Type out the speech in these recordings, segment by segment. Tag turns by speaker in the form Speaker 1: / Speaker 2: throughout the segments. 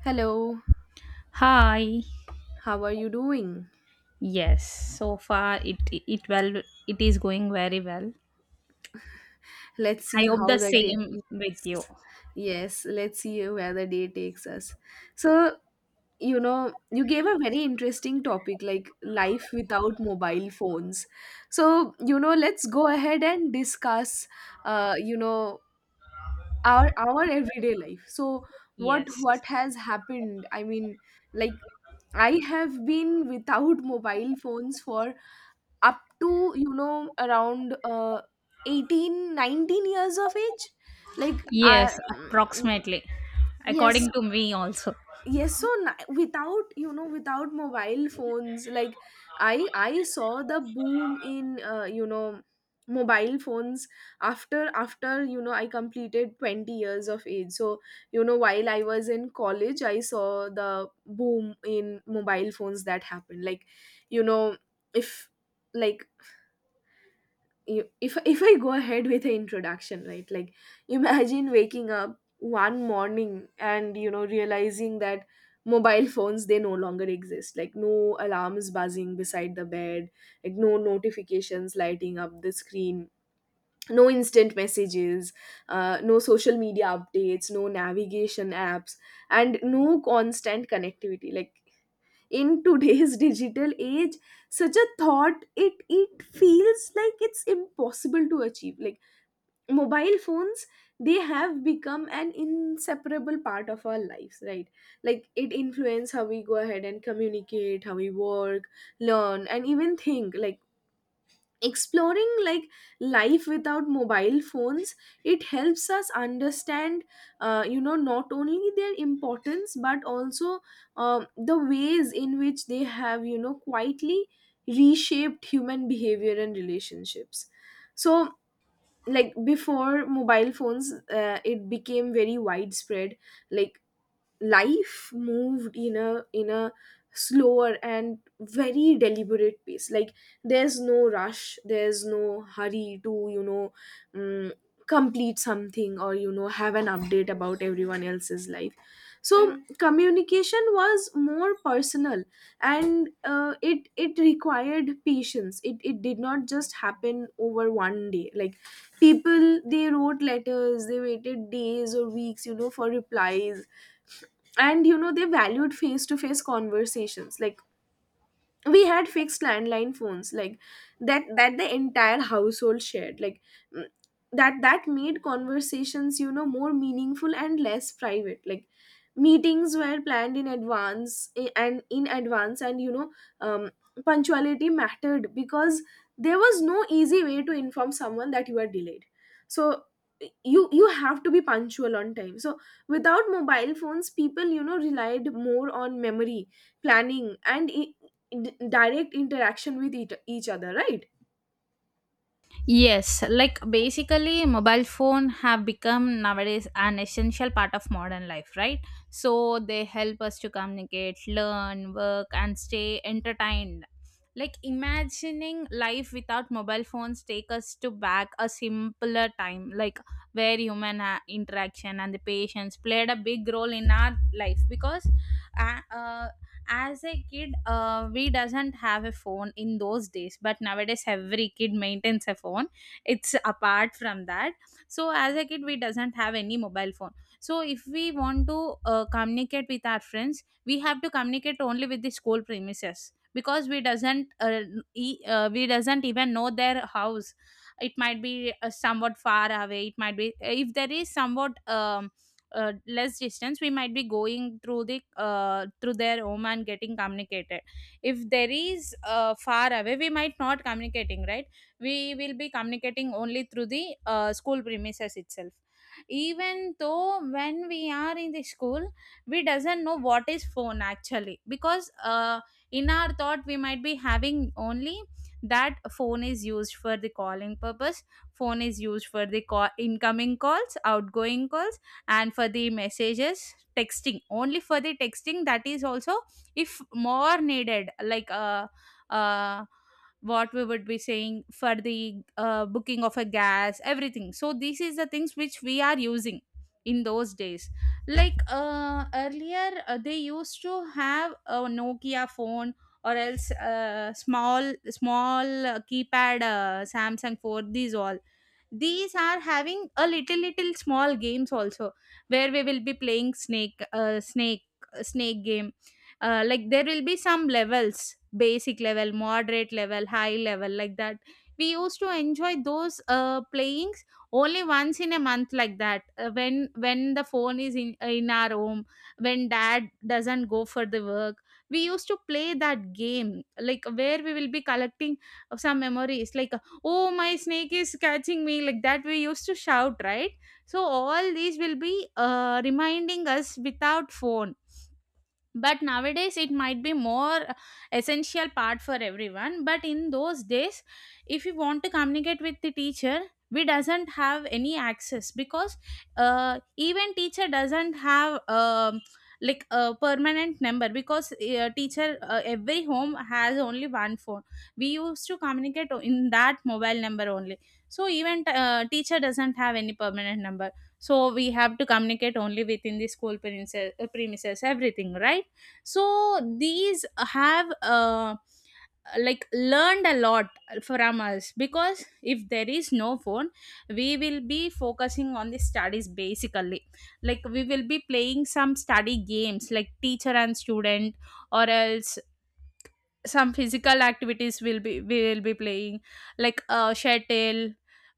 Speaker 1: Hello,
Speaker 2: Hi.
Speaker 1: how are you doing?
Speaker 2: Yes, so far it well, it is going very well.
Speaker 1: Let's
Speaker 2: I
Speaker 1: see
Speaker 2: hope
Speaker 1: how
Speaker 2: the
Speaker 1: the day.
Speaker 2: same with you.
Speaker 1: Yes, yes, let's see where the day takes us. So, you gave a very interesting topic like life without mobile phones. So, let's go ahead and discuss, uh, you know, our everyday life. So, what
Speaker 2: Yes.
Speaker 1: what has happened? I mean, like I have been without mobile phones for up to, around, 18, 19 years of age, like
Speaker 2: Yes,
Speaker 1: mm,
Speaker 2: approximately.
Speaker 1: yes,
Speaker 2: According to me also.
Speaker 1: yes. So without, without mobile phones, like I saw the boom in, mobile phones after, I completed 20 years of age. So, while I was in college I saw the boom in mobile phones that happened, like, you know if, like, if if I go ahead with the introduction, right? Like, imagine waking up one morning and, realizing that mobile phones, they no longer exist. Like, no alarms buzzing beside the bed, like no notifications lighting up the screen. No instant messages, no social media updates, no navigation apps, and no constant connectivity. Like in today's digital age such a thought, it feels like it's impossible to achieve. Like mobile phones, they have become an inseparable part of our lives, right? Like it influence how we go ahead and communicate, how we work, learn and even think. Like exploring, like life without mobile phones, it helps us understand, not only their importance but also, the ways in which they have, quietly reshaped human behavior and relationships. So, like before mobile phones, it became very widespread. Like life moved in a slower and very deliberate pace. Like there's no rush, there's no hurry to, um, complete something or, have an update about everyone else's life. So communication was more personal, and, it required patience, it did not just happen over one day. Like people, they wrote letters, they waited days or weeks, for replies, and, they valued face to face conversations. Like we had fixed landline phones, like that the entire household shared, like mm, that made conversations, more meaningful and less private. Like meetings were planned in advance and, um, punctuality mattered because there was no easy way to inform someone that you are delayed. So you have to be punctual on time. So without mobile phones, people, relied more on memory, planning and, direct interaction with each other, right?
Speaker 2: Yes, like basically mobile phone have become nowadays an essential part of modern life, right? So they help us to communicate, learn, work and stay entertained. Like imagining life without mobile phones take us to back a simpler time, like where human interaction and the patience played a big role in our life because uh, uh, as a kid, we doesn't have a phone in those days, but nowadays every kid maintains a phone. It's apart from that. So as a kid we doesn't have any mobile phone, so if we want to communicate with our friends, we have to communicate only with the school premises because we doesn't we doesn't even know their house. It might be somewhat far away. It might be if there is somewhat less distance, we might be going through the through their home and getting communicated. If there is far away, we might not communicating, right? We will be communicating only through the school premises itself. Even though when we are in the school, we doesn't know what is phone actually, because in our thought, we might be having only that phone is used for the calling purpose. Phone is used for the call, incoming calls, outgoing calls, and for the messages texting, only for the texting. That is also if more needed, like uh what we would be saying for the booking of a gas, everything. So this is the things which we are using in those days. Like earlier, they used to have a nokia phone, or else small small keypad samsung, for these all. These are having a little little small games also, where we will be playing snake, snake game. Like there will be some levels, basic level, moderate level, high level, like that. We used to enjoy those playings only once in a month, like that, when the phone is in our home, when dad doesn't go for the work. We used to play that game, like where we will be collecting some memories, like oh my snake is catching me, like that we used to shout, right? So all these will be reminding us without phone. But nowadays it might be more essential part for everyone. But in those days, if you want to communicate with the teacher, we doesn't have any access because even teacher doesn't have like a permanent number, because teacher, every home has only one phone. We used to communicate in that mobile number only. So even teacher doesn't have any permanent number. So we have to communicate only within the school premises, premises, everything, right? So these have like learned a lot from us, because if there is no phone we will be focusing on the studies basically. Like we will be playing some study games like teacher and student, or else some physical activities will be we will be playing, like shuttle,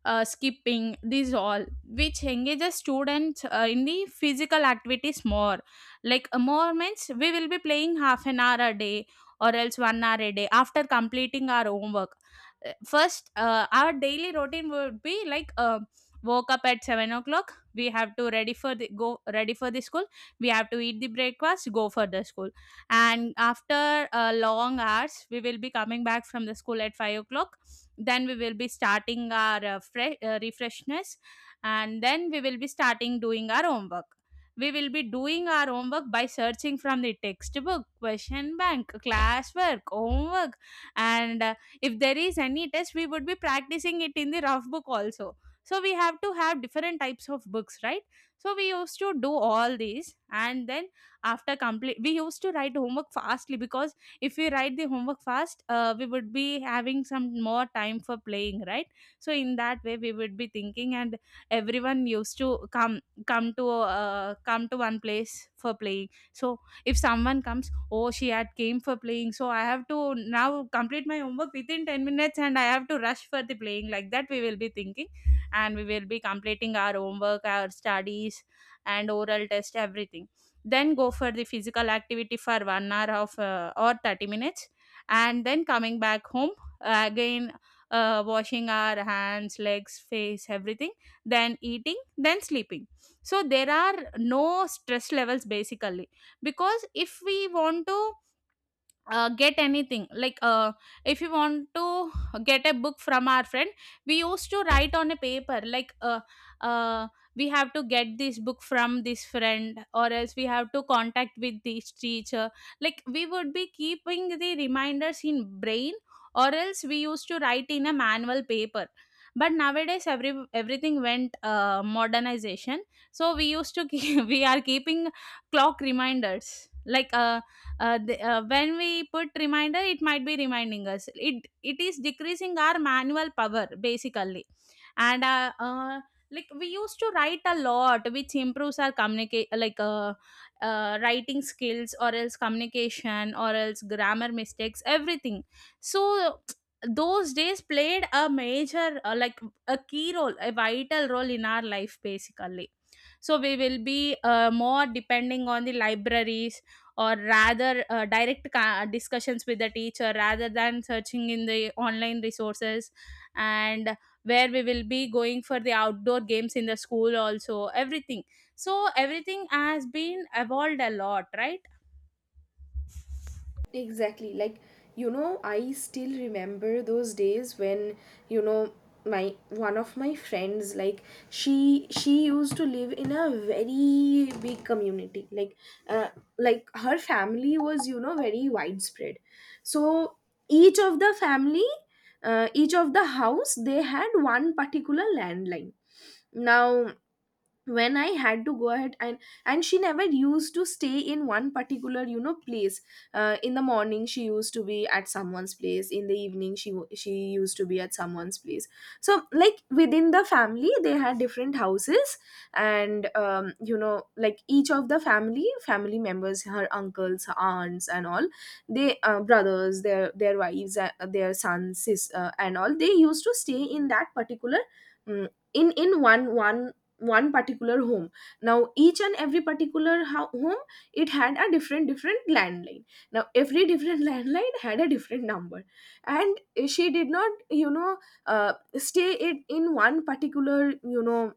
Speaker 2: skipping, these all, which engages students in the physical activities more. Like more means we will be playing half an hour a day or else 1 hour a day after completing our homework. First, our daily routine would be like, woke up at 7 o'clock, we have to ready for the go, ready for the school. We have to eat the breakfast, go for the school. And after long hours, we will be coming back from the school at 5 o'clock. Then we will be starting our refreshness, and then we will be starting doing our homework. We will be doing our homework by searching from the textbook, question bank, classwork, homework. And if there is any test, we would be practicing it in the rough book also. So we have to have different types of books, right? So we used to do all these, and then after complete we used to write homework fastly, because if we write the homework fast, we would be having some more time for playing, right? So in that way we would be thinking, and everyone used to come, come to one place for playing. So if someone comes, oh she had came for playing, so I have to now complete my homework within 10 minutes and I have to rush for the playing, like that we will be thinking. And we will be completing our homework, our studies, and oral test everything. Then go for the physical activity for 1 hour of or 30 minutes, and then coming back home. Again, washing our hands, legs, face, everything. Then eating, then sleeping. So there are no stress levels basically, because if we want to get anything, like if you want to get a book from our friend, we used to write on a paper like, uh, we have to get this book from this friend or else we have to contact with this teacher. Like we would be keeping the reminders in brain, or else we used to write in a manual paper. But nowadays every everything went modernization. So we used to keep, we are keeping clock reminders, like when we put reminder it might be reminding us. It is decreasing our manual power basically. And like we used to write a lot, which improves our communicate, like writing skills or else communication or else grammar mistakes, everything. So those days played a major like a key role, a vital role in our life basically. So we will be more depending on the libraries, or rather direct discussions with the teacher rather than searching in the online resources. And where we will be going for the outdoor games in the school also, everything. So everything has been evolved a lot, right?
Speaker 1: Exactly. Like, I still remember those days when, you know, my one of my friends, like she used to live in a very big community, like, uh, like her family was, very widespread. So each of the family, each of the house, they had one particular landline. Now when I had to go ahead and she never used to stay in one particular, place. In the morning she used to be at someone's place, in the evening, she used to be at someone's place. So, like within the family they had different houses, and, like each of the family members, her uncles, her aunts and all, they, brothers, their wives, their sons, and all, they used to stay in that particular mm, in one particular home. Now each and every particular home, it had a different landline. Now every different landline had a different number. And she did not, stay it in one particular,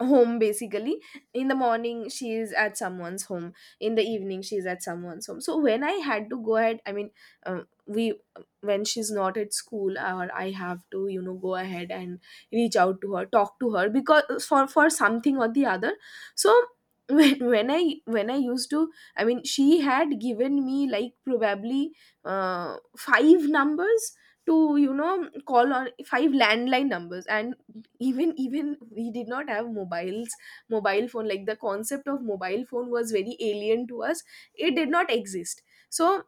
Speaker 1: home basically. In the morning she is at someone's home, in the evening she is at someone's home. So when I had to go ahead, I mean, we when she's not at school or I have to, go ahead and reach out to her, talk to her, because for something or the other. So when I used to, I mean, she had given me, like, probably, five numbers to, call on five landline numbers. And even we did not have mobiles, mobile phone, like the concept of mobile phone was very alien to us. It did not exist. So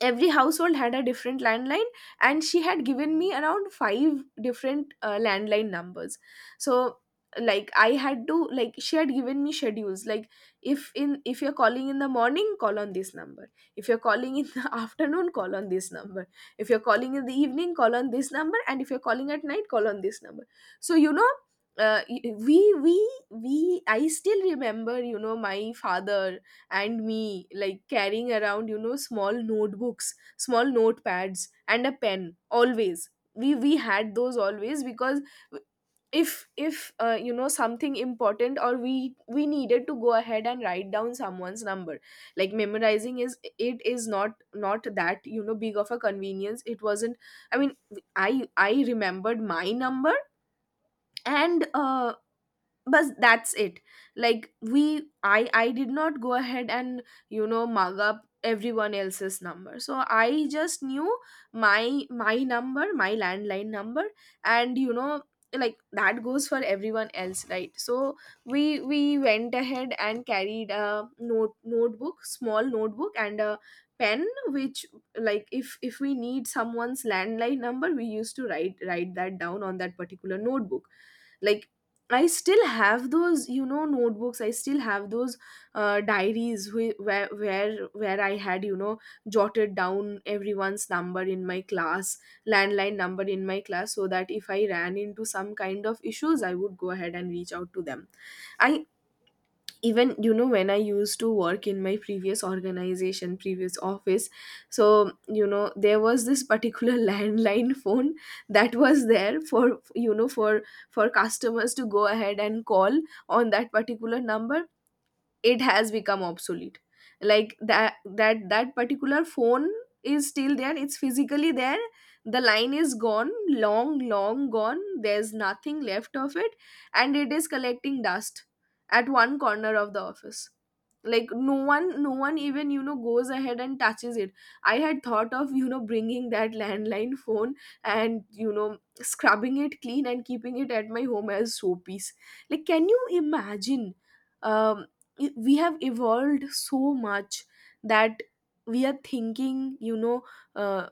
Speaker 1: every household had a different landline, and she had given me around five different, landline numbers. So, like I had to, like she had given me schedules. Like if, in if you're calling in the morning, call on this number. If you're calling in the afternoon, call on this number. If you're calling in the evening, call on this number, and if you're calling at night, call on this number. So, you know y- we I still remember, my father and me, like carrying around, small notebooks, small notepads and a pen always, we had those always, because if something important or we needed to go ahead and write down someone's number, like memorizing is, it is not that, big of a convenience, it wasn't. I mean, I remembered my number, and, but that's it. Like we, I did not go ahead and, mug up everyone else's number. So I just knew my number, my landline number. And, like that goes for everyone else, right? So we went ahead and carried a notebook, small notebook and a pen, which, like if we need someone's landline number, we used to write that down on that particular notebook. Like I still have those, notebooks. I still have those, diaries, where where I had, jotted down everyone's number in my class, landline number in my class, so that if I ran into some kind of issues, I would go ahead and reach out to them. I even, when I used to work in my previous organization, previous office, so, there was this particular landline phone that was there for, for customers to go ahead and call on that particular number. It has become obsolete, like that particular phone is still there, it's physically there. The line is gone, long gone, there's nothing left of it, and it is collecting dust at one corner of the office. Like no one no one even, goes ahead and touches it. I had thought of, bringing that landline phone and, scrubbing it clean and keeping it at my home as showpiece. Like, can you imagine, um we have evolved so much that we are thinking, uh,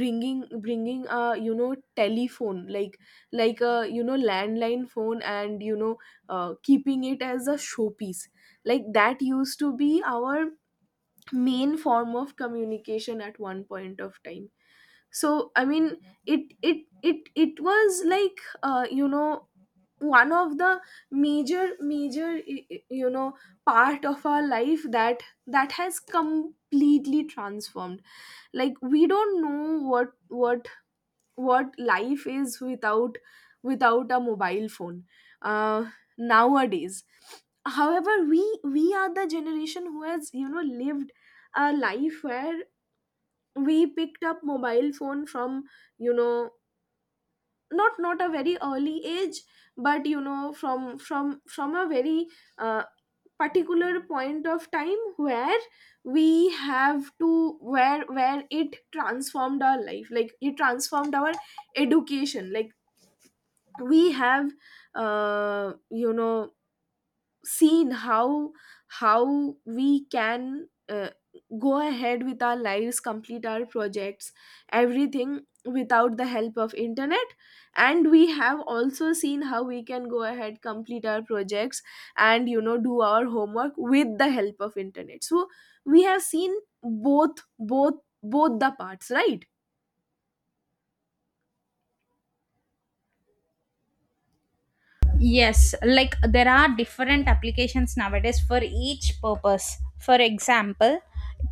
Speaker 1: bringing a, telephone, like a, landline phone, and, keeping it as a showpiece. Like that used to be our main form of communication at one point of time. So I mean, it was like, one of the major part of our life that has completely transformed. Like we don't know what what life is without, a mobile phone. uh Nowadays, however, we are the generation who has, lived a life where we picked up mobile phone from, you know not a very early age, but, from from a very, uh, particular point of time where we have to, where it transformed our life. Like it transformed our education. Like we have, uh, you know seen how we can, go ahead with our lives, complete our projects, everything, without the help of internet. And we have also seen how we can go ahead, complete our projects and, do our homework with the help of internet. So we have seen both both both the parts, right?
Speaker 2: Yes, like there are different applications nowadays for each purpose. For example,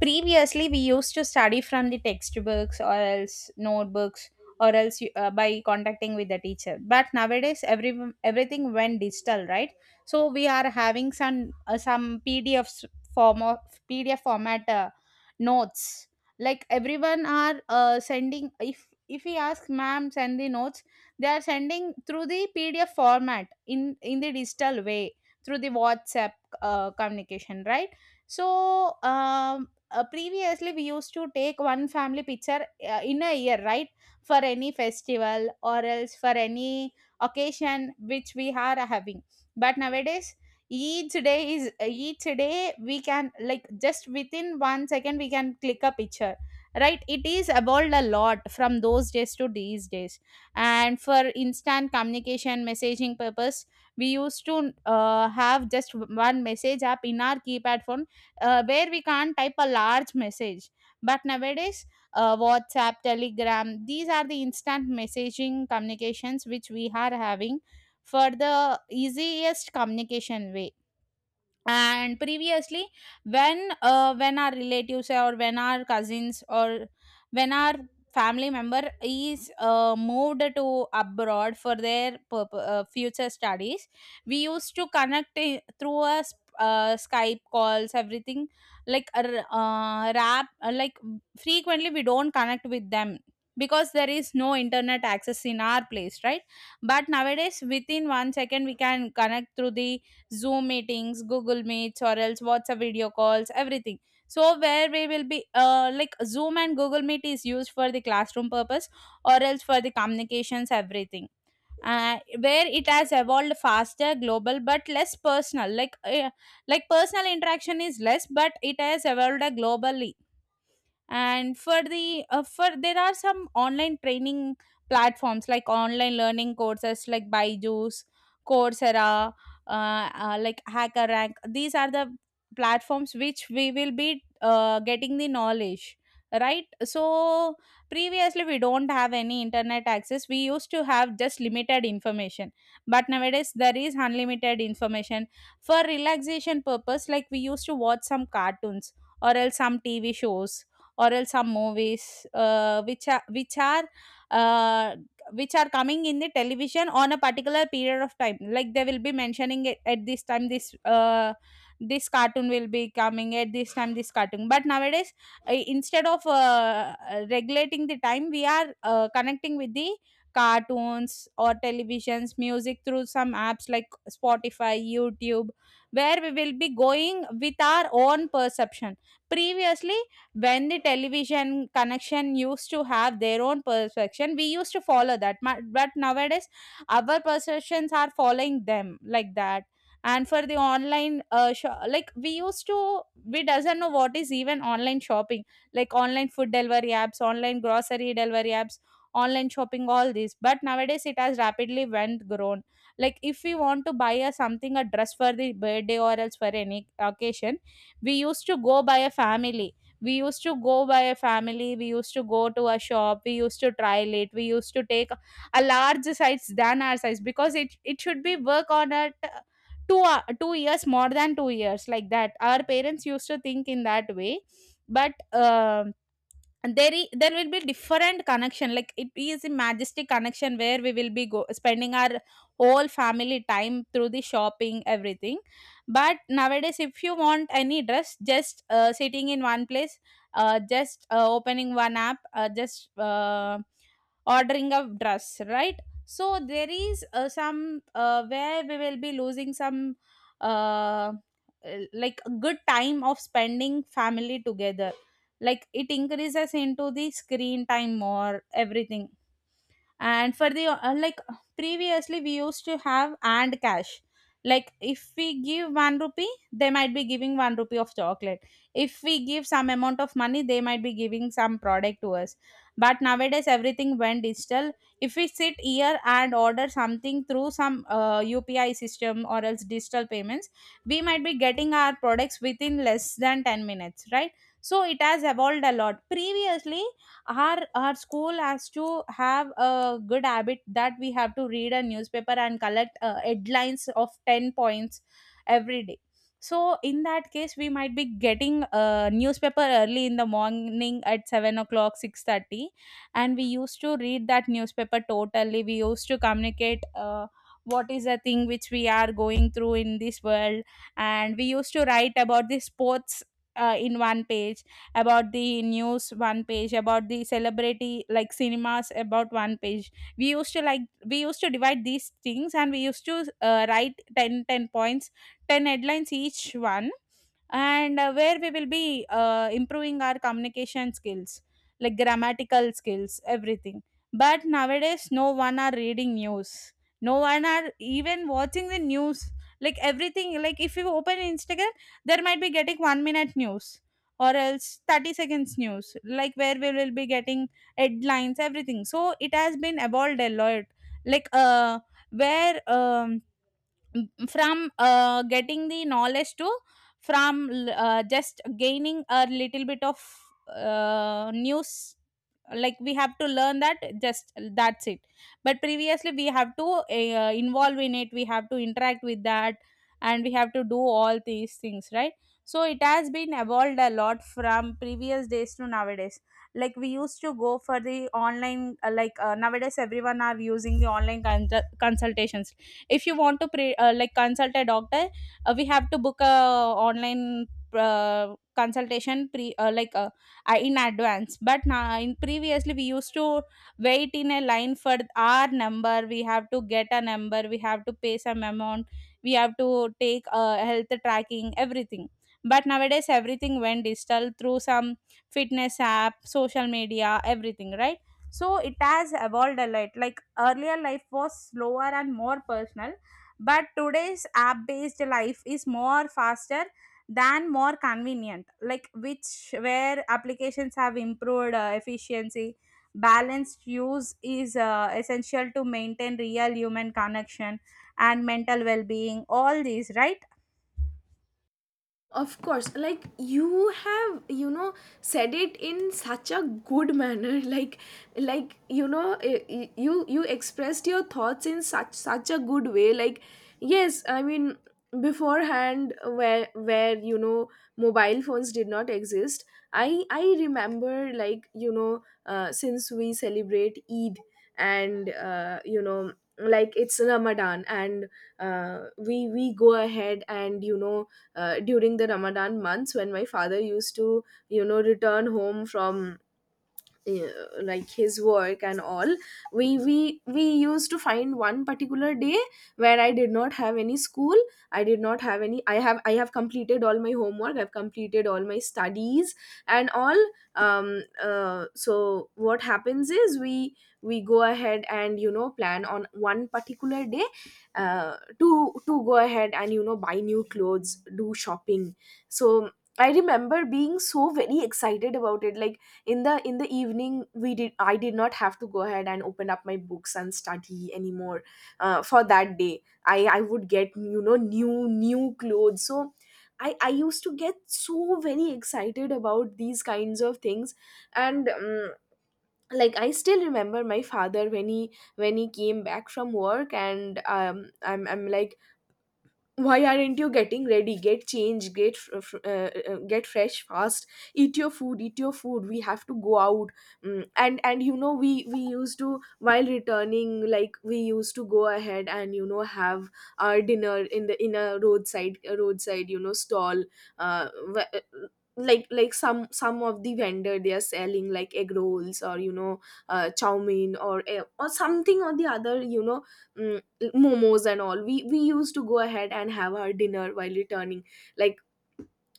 Speaker 2: previously we used to study from the textbooks, or else notebooks, or else by contacting with the teacher. But nowadays, every everything went digital, right? So we are having some PDF form of PDF format notes. Like everyone are sending. If we ask, ma'am, send the notes, they are sending through the pdf format, in in the digital way, through the whatsapp communication, right? So um, previously we used to take one family picture in a year, right, for any festival or else for any occasion which we are having. But nowadays each day is, each day we can like just within 1 second we can click a picture, right? It is evolved a lot from those days to these days. And for instant communication messaging purpose, we used to have just one message app in our keypad phone, where we can't type a large message. But nowadays, whatsapp, telegram, these are the instant messaging communications which we are having, for the easiest communication way. And previously, when our relatives or when our cousins or when our family member is moved to abroad for their future studies, we used to connect through a skype calls, everything. Like a r- rap like frequently we don't connect with them, because there is no internet access in our place, right? But nowadays within 1 second we can connect through the Zoom meetings, Google Meets, or else WhatsApp video calls, everything. So where we will be like Zoom and Google Meet is used for the classroom purpose or else for the communications, everything. Where it has evolved faster, global, but less personal. Like personal interaction is less, but it has evolved globally. And for the for there are some online training platforms, like online learning courses like Byju's, Coursera, like Hacker Rank. These are the platforms which we will be getting the knowledge, right? So previously we don't have any internet access. We used to have just limited information, but nowadays there is unlimited information. For relaxation purpose, Like we used to watch some cartoons or else some TV shows or else some movies, uh, which are coming in the television on a particular period of time. Like they will be mentioning it at this time this this cartoon will be coming, at this time this cartoon. But nowadays, instead of regulating the time, we are connecting with the cartoons or televisions music through some apps like spotify, youtube, where we will be going with our own perception. Previously, when the television connection used to have their own perception, we used to follow that but nowadays our perceptions are following them, like that. And for the online like, we used to, we doesn't know what is even online shopping, like online food delivery apps, online grocery delivery apps, online shopping, all these. But nowadays it has rapidly went grown. Like, if we want to buy a something, a dress for the birthday or else for any occasion, we used to go by a family we used to go by a family, we used to go to a shop, we used to trial it, we used to take a large size than our size, because it should be work on at 2 years, more than 2 years, like that our parents used to think in that way. But and there there will be different connection, like it is a majestic connection where we will be go, spending our whole family time through the shopping, everything. But nowadays, if you want any dress, just sitting in one place, just opening one app, just ordering a dress, right? So there is some where we will be losing some uh, like good time of spending family together, like it increases into the screen time or everything. And for the like, previously we used to have and cash. Like if we give one rupee, they might be giving one rupee of chocolate. If we give some amount of money, they might be giving some product to us. But nowadays everything went digital. If we sit here and order something through some upi system or else digital payments, we might be getting our products within less than 10 minutes, right? So it has evolved a lot. Previously, our school has to have a good habit that we have to read a newspaper and collect headlines of 10 points every day. So in that case, we might be getting a newspaper early in the morning at 7 o'clock, 6:30, and we used to read that newspaper totally. We used to communicate what is the thing which we are going through in this world. And we used to write about the sports in one page, about the news one page, about the celebrity like cinemas about one page. We used to divide these things, and we used to write 10 10 points, 10 headlines each one. And where we will be improving our communication skills, like grammatical skills, everything. But nowadays no one are reading news, no one are even watching the news. Like everything, like if you open instagram, there might be getting 1 minute news or else 30 seconds news, like where we will be getting headlines, everything. So it has been evolved a lot. Like where from getting the knowledge to, just gaining a little bit of news, like we have to learn that, just that's it. But previously we have to involve in it, we have to interact with that, and we have to do all these things, right? So it has been evolved a lot from previous days to nowadays. Like, we used to go for the online nowadays everyone are using the online consultations. If you want to like consult a doctor, we have to book a online consultation pre like in advance. But now in previously, we used to wait in a line for our number, we have to get a number, we have to pay some amount, we have to take health tracking, everything. But nowadays everything went digital through some fitness app, social media, everything, right? So it has evolved a lot. Like, earlier life was slower and more personal, but today's app based life is more faster than more convenient, like which where applications have improved efficiency. Balanced use is essential to maintain real human connection and mental well-being, all these, right?
Speaker 1: Of course. Like you have, said it in such a good manner. Like, you expressed your thoughts in such a good way. Like, yes, I mean, beforehand, where mobile phones did not exist. I remember, since we celebrate Eid and like it's Ramadan. And we go ahead and during the Ramadan months when my father used to, you know, return home from like his work and all, we used to find one particular day where I did not have any school, I did not have any, I have completed all my homework, I've completed all my studies and all. So what happens is we go ahead and you know plan on one particular day uh, to to go ahead and you know buy new clothes, do shopping. So I remember being so very excited about it. Like in the evening, we did I did not have to go ahead and open up my books and study anymore for that day. I would get, you know, new clothes. So I used to get so very excited about these kinds of things. And like I still remember my father when he came back from work, and I'm like, why aren't you getting ready, get changed, get fresh fast, eat your food, eat your food, we have to go out. Mm. And you know, we used to, while returning, like we used to go ahead and you know have our dinner in the in a roadside, a roadside, you know, stall. uh, wh- uh, like some of the vendor, they are selling like egg rolls or you know chow mein or or something or the other, you know. Mm, momos and all. We used to go ahead and have our dinner while returning. Like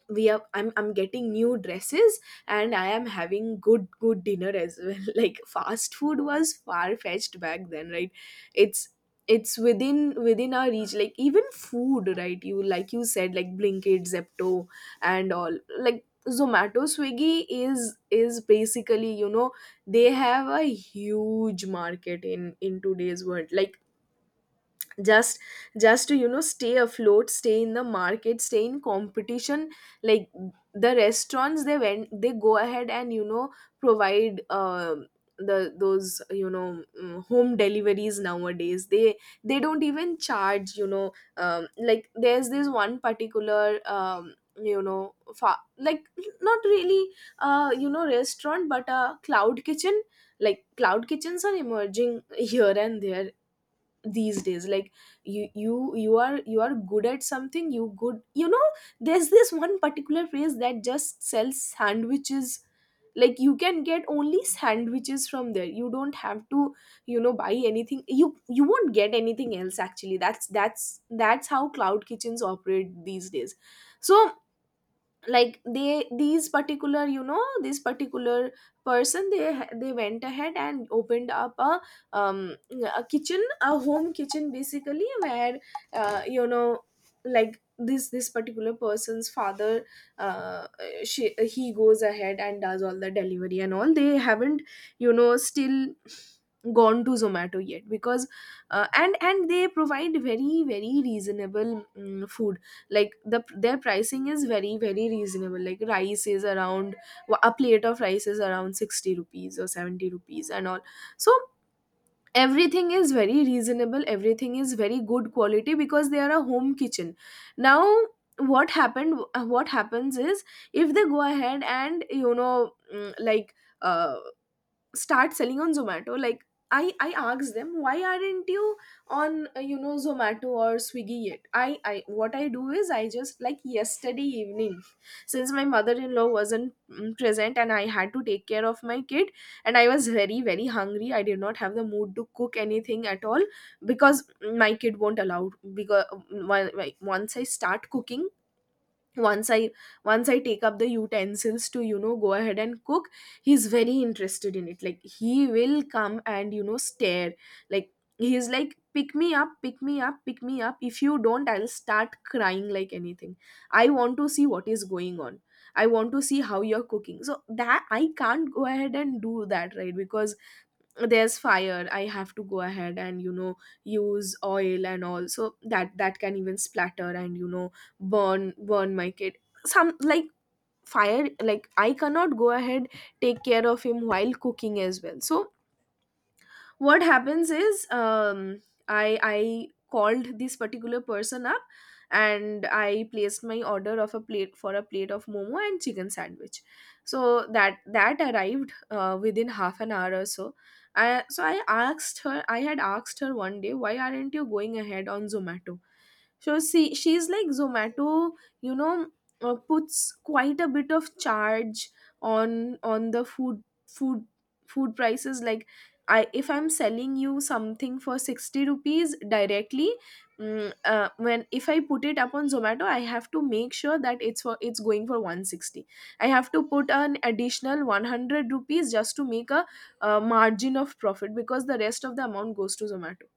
Speaker 1: we are, I'm getting new dresses and I am having good dinner as well. Like fast food was far fetched back then, right? it's it's within within our reach, like even food, right? You, like you said, like Blinkit, Zepto and all, like Zomato, Swiggy is basically, you know, they have a huge market in today's world. Like just just to you know stay afloat, stay in the market, stay in competition. Like the restaurants, they go ahead and you know provide the those, you know, mm, home deliveries nowadays. They don't even charge, you know. Like there's this one particular, um, like not really you know restaurant, but a cloud kitchen. Like cloud kitchens are emerging here and there these days. Like you are good at something, you know, there's this one particular place that just sells sandwiches. Like you can get only sandwiches from there, you don't have to, you know, buy anything, you won't get anything else. Actually, that's how cloud kitchens operate these days. So like they these particular, you know, this particular person, they went ahead and opened up um a kitchen, a home kitchen, basically where you know, like this particular person's father, uh, she he goes ahead and does all the delivery and all. They haven't, you know, still gone to Zomato yet, because and they provide very very reasonable, mm, food. Like their pricing is very very reasonable. Like rice is around, a plate of rice is around 60 rupees or 70 rupees and all. So everything is very reasonable, everything is very good quality because they are a home kitchen. Now what happened, what happens is if they go ahead and you know, mm, like uh, start selling on Zomato. Like I asked them, why aren't you on you know Zomato or Swiggy yet. I, what I do is, I just, like yesterday evening, since my mother-in-law wasn't, mm, present, and I had to take care of my kid, and I was very very hungry, I did not have the mood to cook anything at all, because my kid won't allow. Because like, once I start cooking, once i once I take up the utensils to you know go ahead and cook, he's very interested in it. Like he will come and you know stare. Like he's like, pick me up, pick me up, pick me up, if you don't I'll start crying like anything. I want to see what is going on, I want to see how you're cooking so that I can't go ahead and do that, right? Because there's fire, I have to go ahead and you know use oil and all, so that that can even splatter and you know burn my kid. Some like fire, like I cannot go ahead, take care of him while cooking as well. So what happens is, I called this particular person up, and I placed my order of a plate, for a plate of momo and chicken sandwich. So that arrived within half an hour or so. So I asked her, I had asked her one day, why aren't you going ahead on Zomato. So see, she's like, Zomato, you know, puts quite a bit of charge on the food food prices. Like, I if I'm selling you something for 60 rupees directly, mm, when if I put it up on Zomato, I have to make sure that it's going for 160. I have to put an additional 100 rupees just to make a, margin of profit, because the rest of the amount goes to Zomato.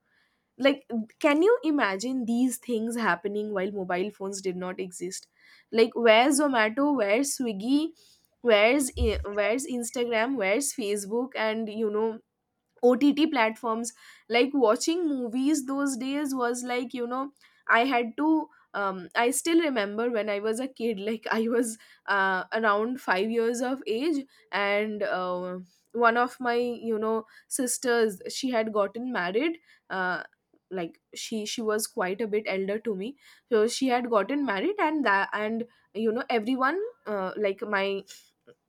Speaker 1: Like can you imagine these things happening while mobile phones did not exist? Like where's Zomato, where's Swiggy, where's Instagram, where's Facebook, and you know, OTT platforms. Like watching movies those days was like, you know, I had to. I still remember when I was a kid, like I was around 5 years of age, and one of my, you know, sisters, she had gotten married. Uh, like she was quite a bit elder to me. So she had gotten married, and that and you know everyone, like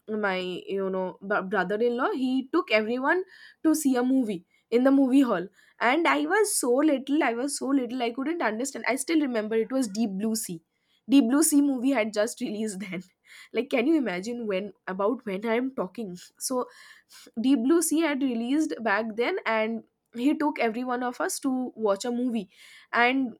Speaker 1: my you know brother-in-law, he took everyone to see a movie in the movie hall. And I was so little, I was so little, I couldn't understand. I still remember it was Deep Blue Sea. Deep Blue Sea movie had just released then. Like can you imagine when about when I'm talking. So Deep Blue Sea had released back then, and he took every one of us to watch a movie. And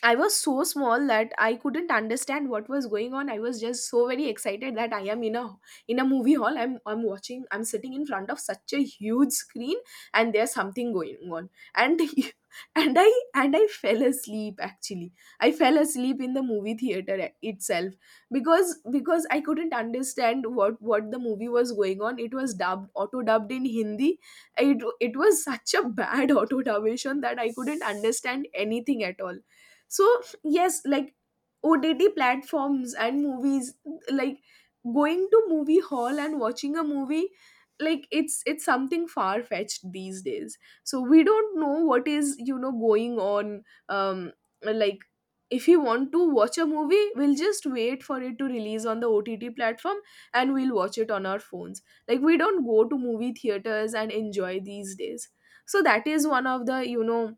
Speaker 1: I was so small that I couldn't understand what was going on. I was just so very excited that I am in a, in a movie hall. I'm watching, I'm sitting in front of such a huge screen, and there's something going on. And and I and I fell asleep. Actually, I fell asleep in the movie theater itself, because I couldn't understand what the movie was going on. It was dubbed, auto dubbed in Hindi. It it was such a bad auto dubbation that I couldn't understand anything at all. So yes, like OTT platforms and movies, like going to movie hall and watching a movie, like it's something far fetched these days. So we don't know what is, you know, going on. um like if you want to watch a movie, we'll just wait for it to release on the OTT platform and we'll watch it on our phones. Like we don't go to movie theaters and enjoy these days. So that is one of the, you know,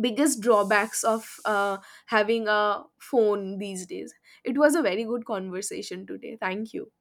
Speaker 1: biggest drawbacks of having a phone these days. It was a very good conversation today. Thank you.